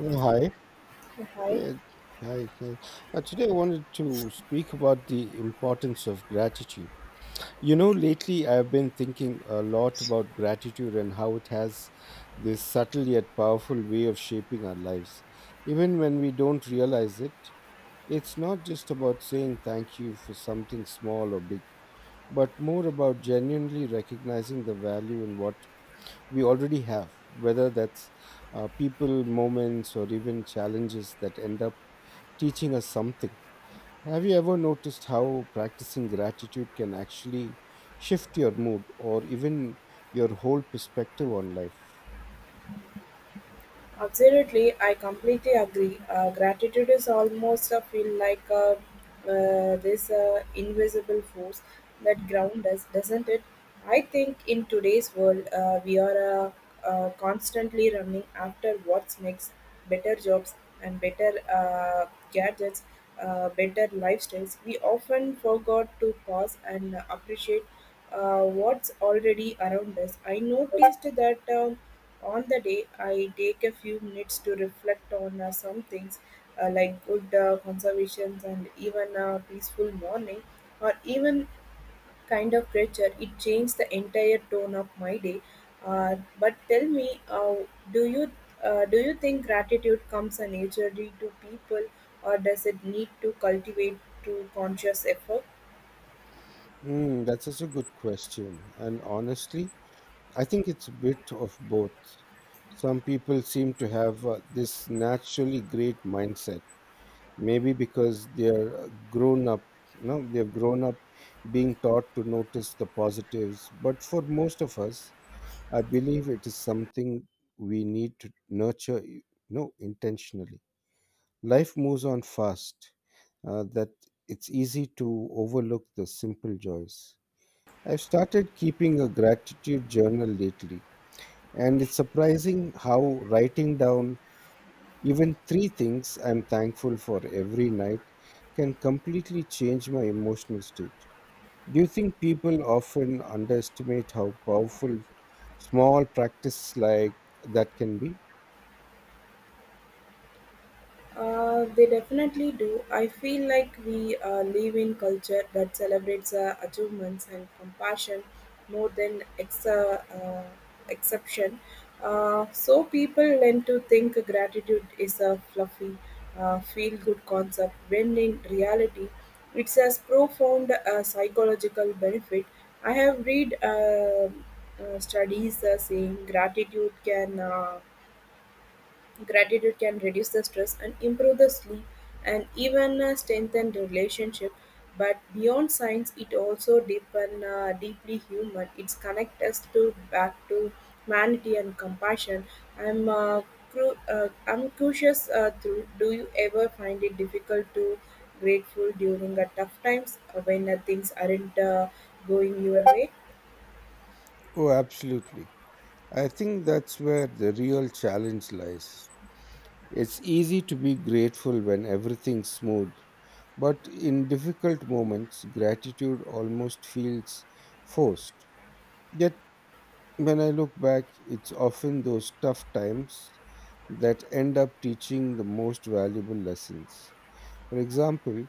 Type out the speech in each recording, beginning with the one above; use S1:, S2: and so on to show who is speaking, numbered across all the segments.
S1: Hi.
S2: Hi,
S1: Yeah, hi, hi. Today I wanted to speak about the importance of gratitude. You know, lately I've been thinking a lot about gratitude and how it has this subtle yet powerful way of shaping our lives. Even when we don't realize it, it's not just about saying thank you for something small or big, but more about genuinely recognizing the value in what we already have, whether that's people, moments, or even challenges that end up teaching us something. Have you ever noticed how practicing gratitude can actually shift your mood or even your whole perspective on life?
S2: absolutely. I completely agree. Gratitude is almost a feel like this invisible force that grounds us, doesn't it? I think in today's world, we are constantly running after what's next, better jobs and better gadgets, better lifestyles. We often forgot to pause and appreciate what's already around us. I noticed that on the day I take a few minutes to reflect on some things like good conservations and even a peaceful morning or even kind of creature, it changed the entire tone of my day. But tell me, do you do you think gratitude comes naturally to people, or does it need to cultivate to conscious effort?
S1: Mm, that's such a good question. And honestly, I think it's a bit of both. Some people seem to have this naturally great mindset maybe because they've grown up being taught to notice the positives, but for most of us, I believe it is something we need to nurture intentionally. Life moves on fast that it's easy to overlook the simple joys. I've started keeping a gratitude journal lately, and it's surprising how writing down even 3 things I'm thankful for every night can completely change my emotional state. Do you think people often underestimate how powerful small practice like that can be?
S2: They definitely do. I feel like we live in culture that celebrates achievements and compassion more than exception. So people tend to think gratitude is a fluffy, feel-good concept when in reality, it has profound psychological benefit. I have read studies saying Gratitude can reduce the stress and improve the sleep and even strengthen the relationship. But beyond science, it also deepen deeply human. It's connect us to back to humanity and compassion. I'm uh, I'm curious. Do you ever find it difficult to grateful during a tough times when things aren't going your way?
S1: Oh, absolutely. I think that's where the real challenge lies. It's easy to be grateful when everything's smooth, but in difficult moments, gratitude almost feels forced. Yet, when I look back, it's often those tough times that end up teaching the most valuable lessons. For example,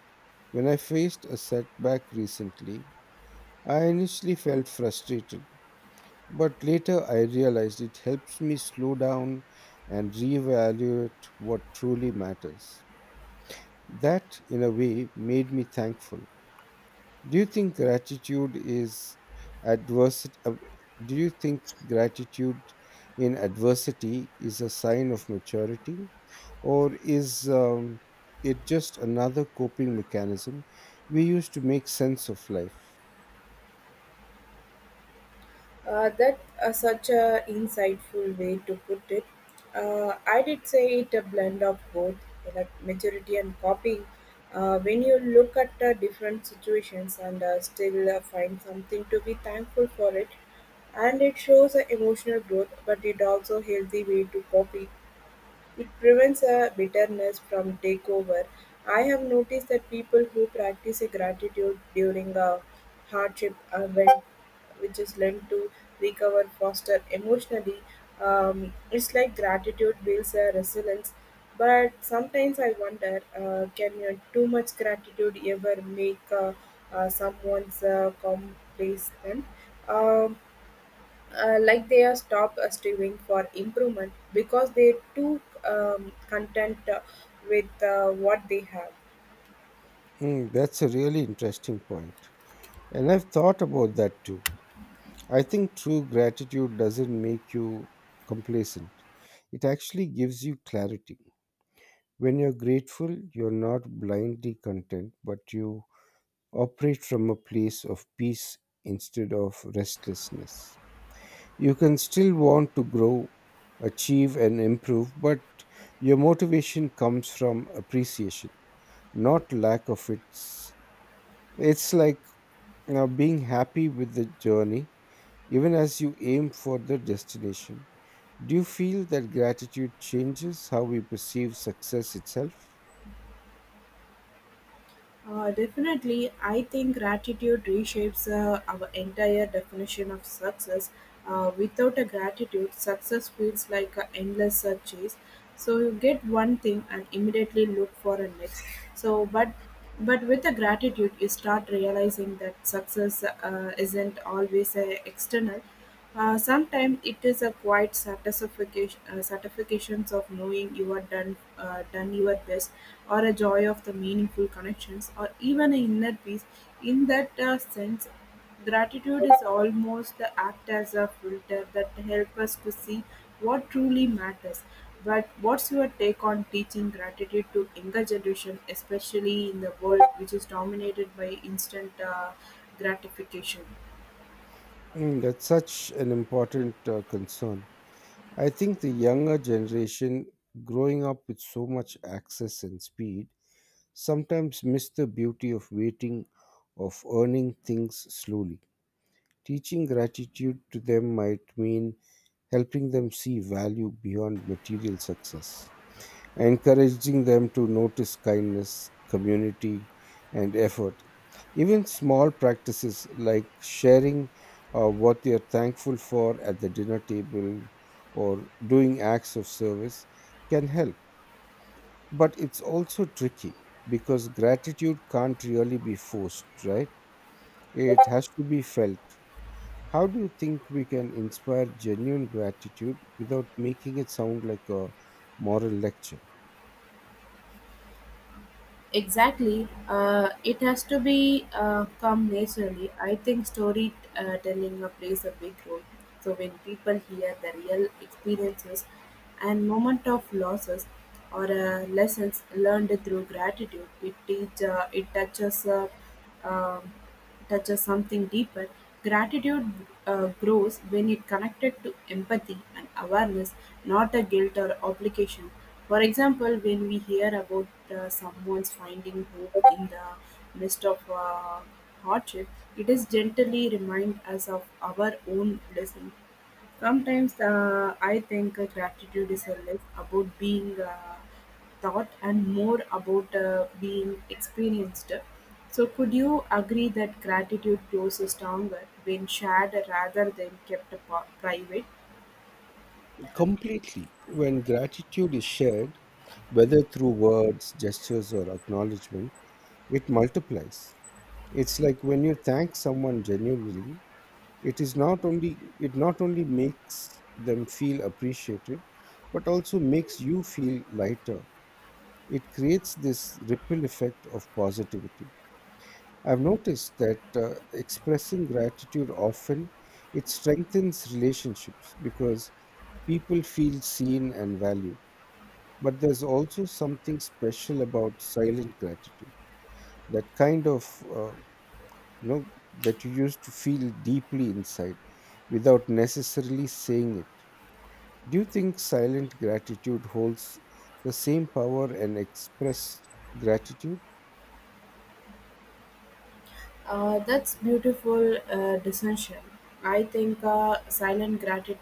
S1: when I faced a setback recently, I initially felt frustrated, but later I realized it helps me slow down and reevaluate what truly matters. That, in a way, made me thankful. Do you think gratitude is adversity uh, do you think gratitude in adversity is a sign of maturity, or is it just another coping mechanism we use to make sense of life?
S2: That such a insightful way to put it. I did say it a blend of both, like maturity and copying. When you look at different situations and still find something to be thankful for it, and it shows emotional growth, but it also healthy way to copy it prevents a bitterness from takeover. I have noticed that people who practice a gratitude during a hardship event, which is learned to recover faster emotionally. It's like gratitude builds a resilience. But sometimes I wonder, can your too much gratitude ever make someone's complacent? Um, like they are stopped striving for improvement because they too content with what they have.
S1: Hmm, that's a really interesting point, and I've thought about that too. I think true gratitude doesn't make you complacent. It actually gives you clarity. When you're grateful, you're not blindly content, but you operate from a place of peace instead of restlessness. You can still want to grow, achieve, and improve, but your motivation comes from appreciation, not lack of it. It's like being happy with the journey, even as you aim for the destination. Do you feel that gratitude changes how we perceive success itself?
S2: Definitely. I think gratitude reshapes our entire definition of success. Without a gratitude, success feels like an endless chase. So you get one thing and immediately look for a next. so but but with the gratitude you start realizing that success isn't always external. Sometimes it is a quiet satisfactions of knowing you are done your best or a joy of the meaningful connections or even an inner peace in that sense. Gratitude is almost the act as a filter that help us to see what truly matters. But what's your take on teaching gratitude to younger generation, especially in the world which is dominated by instant gratification?
S1: Mm, that's such an important concern. I think the younger generation, growing up with so much access and speed, sometimes miss the beauty of waiting, of earning things slowly. Teaching gratitude to them might mean helping them see value beyond material success, encouraging them to notice kindness, community, and effort. Even small practices like sharing what you're thankful for at the dinner table, or doing acts of service, can help. But it's also tricky, because gratitude can't really be forced, right? It has to be felt. How do you think we can inspire genuine gratitude without making it sound like a moral lecture?
S2: Exactly. It has to be come naturally. I think story telling plays a big role. So when people hear the real experiences and moment of losses or lessons learned through gratitude, it touches um touches something deeper. Gratitude grows when it connected to empathy and awareness, not a guilt or obligation. For example, when we hear about someone's finding hope in the midst of hardship, it is gently remind us of our own blessing. Sometimes I think gratitude is less about being thought and more about being experienced. So, could you agree that gratitude grows stronger when shared rather than kept private?
S1: Completely. When gratitude is shared, whether through words, gestures, or acknowledgement, it multiplies. It's like when you thank someone genuinely, it is not only it not only makes them feel appreciated, but also makes you feel lighter. It creates this ripple effect of positivity. I've noticed that expressing gratitude often it strengthens relationships, because people feel seen and valued. But there's also something special about silent gratitude, that kind of uh, you know that you used to feel deeply inside without necessarily saying it. Do you think silent gratitude holds the same power and expressed gratitude?
S2: That's beautiful distinction. I think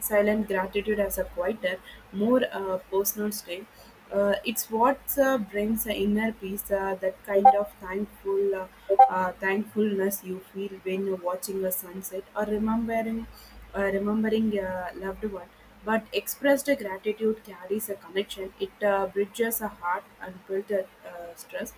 S2: silent gratitude as a quieter, more personal state. It's what brings the inner peace, that kind of thankfulness you feel when you're watching a sunset or remembering a loved one. But expressed gratitude carries a connection. It bridges a heart and builds a stress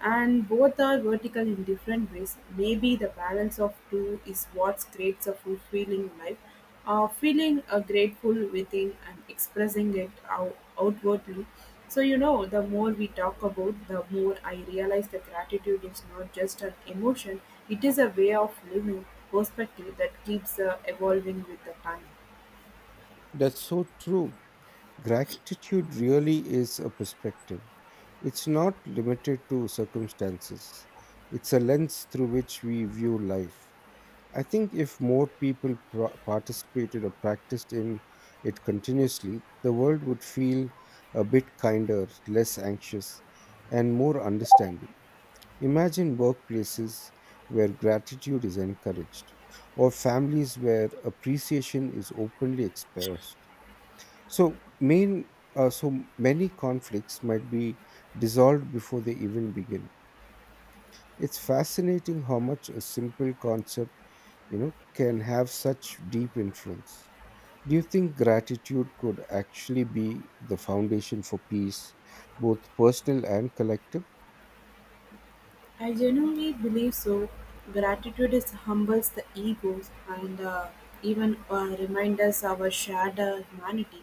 S2: and both are vertical in different ways. Maybe the balance of two is what creates a fulfilling life. Feeling grateful within and expressing it outwardly. So, you know, the more we talk about, the more I realize that gratitude is not just an emotion, it is a way of living perspective that keeps evolving with the time.
S1: That's so true. Gratitude really is a perspective. It's not limited to circumstances. It's a lens through which we view life. I think if more people participated or practiced in it continuously, the world would feel a bit kinder, less anxious, and more understanding. Imagine workplaces where gratitude is encouraged, or families where appreciation is openly expressed. So, main, so many conflicts might be dissolved before they even begin. It's fascinating how much a simple concept, you know, can have such deep influence. Do you think gratitude could actually be the foundation for peace, both personal and collective?
S2: I genuinely believe so. Gratitude is humbles the egos and even reminds us our shared humanity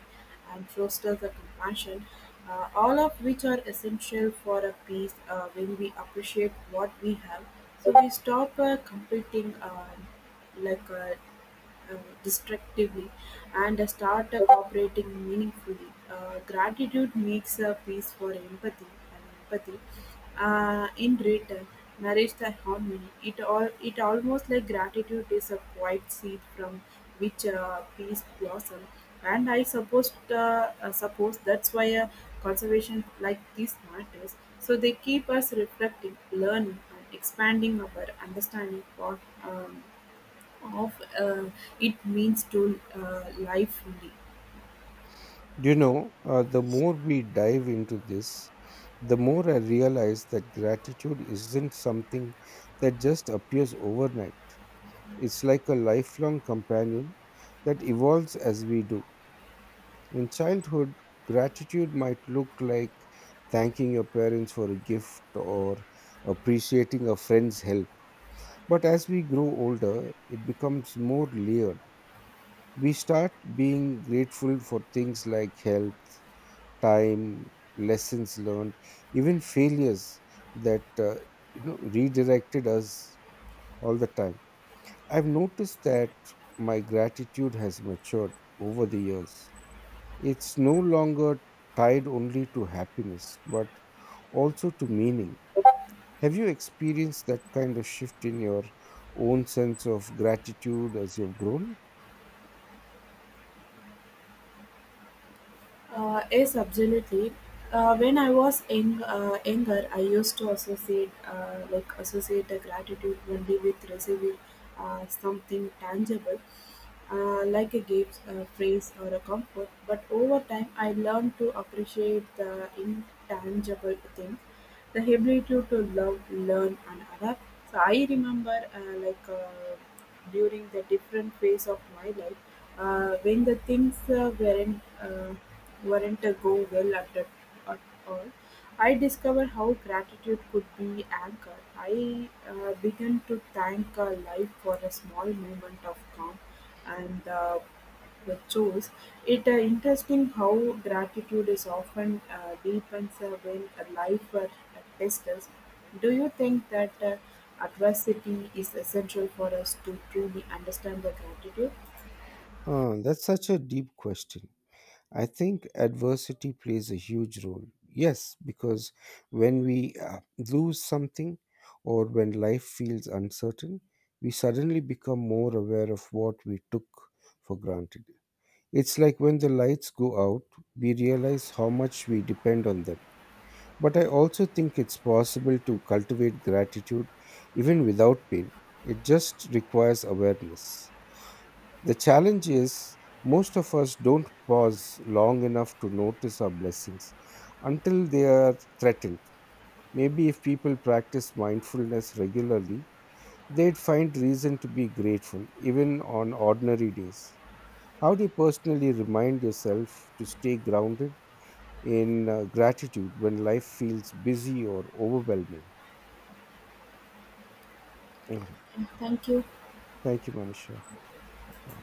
S2: and fosters the compassion, all of which are essential for a peace when we appreciate what we have. So we stop competing like uh, uh, destructively and start cooperating meaningfully. Gratitude makes a space for empathy and empathy. In return, nourish the harmony. It almost like gratitude is a quiet seed from which peace blossom. And I suppose that's why a conservation like this matters. So they keep us reflecting, learning, and expanding our understanding um, of it means to live fully.
S1: You know, the more we dive into this, the more I realize that gratitude isn't something that just appears overnight. It's like a lifelong companion that evolves as we do. In childhood, gratitude might look like thanking your parents for a gift or appreciating a friend's help. But as we grow older, it becomes more layered. We start being grateful for things like health, time, lessons learned, even failures that you know redirected us all the time. I've noticed that my gratitude has matured over the years. It's no longer tied only to happiness, but also to meaning. Have you experienced that kind of shift in your own sense of gratitude as you've grown?
S2: Yes, absolutely. When I was younger, I used to associate the gratitude only with receiving something tangible, like a gift, a praise, or a comfort. But over time, I learned to appreciate the intangible things the ability to love, learn, and adapt. So I remember, during the different phase of my life, when the things weren't go well at, the, at all, I discovered how gratitude could be anchored. I began to thank life for a small moment of calm and. The shows it interesting how gratitude is often deepens when a life tests us. Do you think that adversity is essential for us to truly understand the gratitude?
S1: Ah, that's such a deep question. I think adversity plays a huge role. Yes, because when we lose something or when life feels uncertain, we suddenly become more aware of what we took for granted. It's like when the lights go out, we realize how much we depend on them. But I also think it's possible to cultivate gratitude even without pain. It just requires awareness. The challenge is most of us don't pause long enough to notice our blessings until they are threatened. Maybe if people practice mindfulness regularly, they'd find reason to be grateful even on ordinary days. How do you personally remind yourself to stay grounded in gratitude when life feels busy or overwhelming? All right.
S2: And thank you.
S1: Thank you, Manisha. Bye.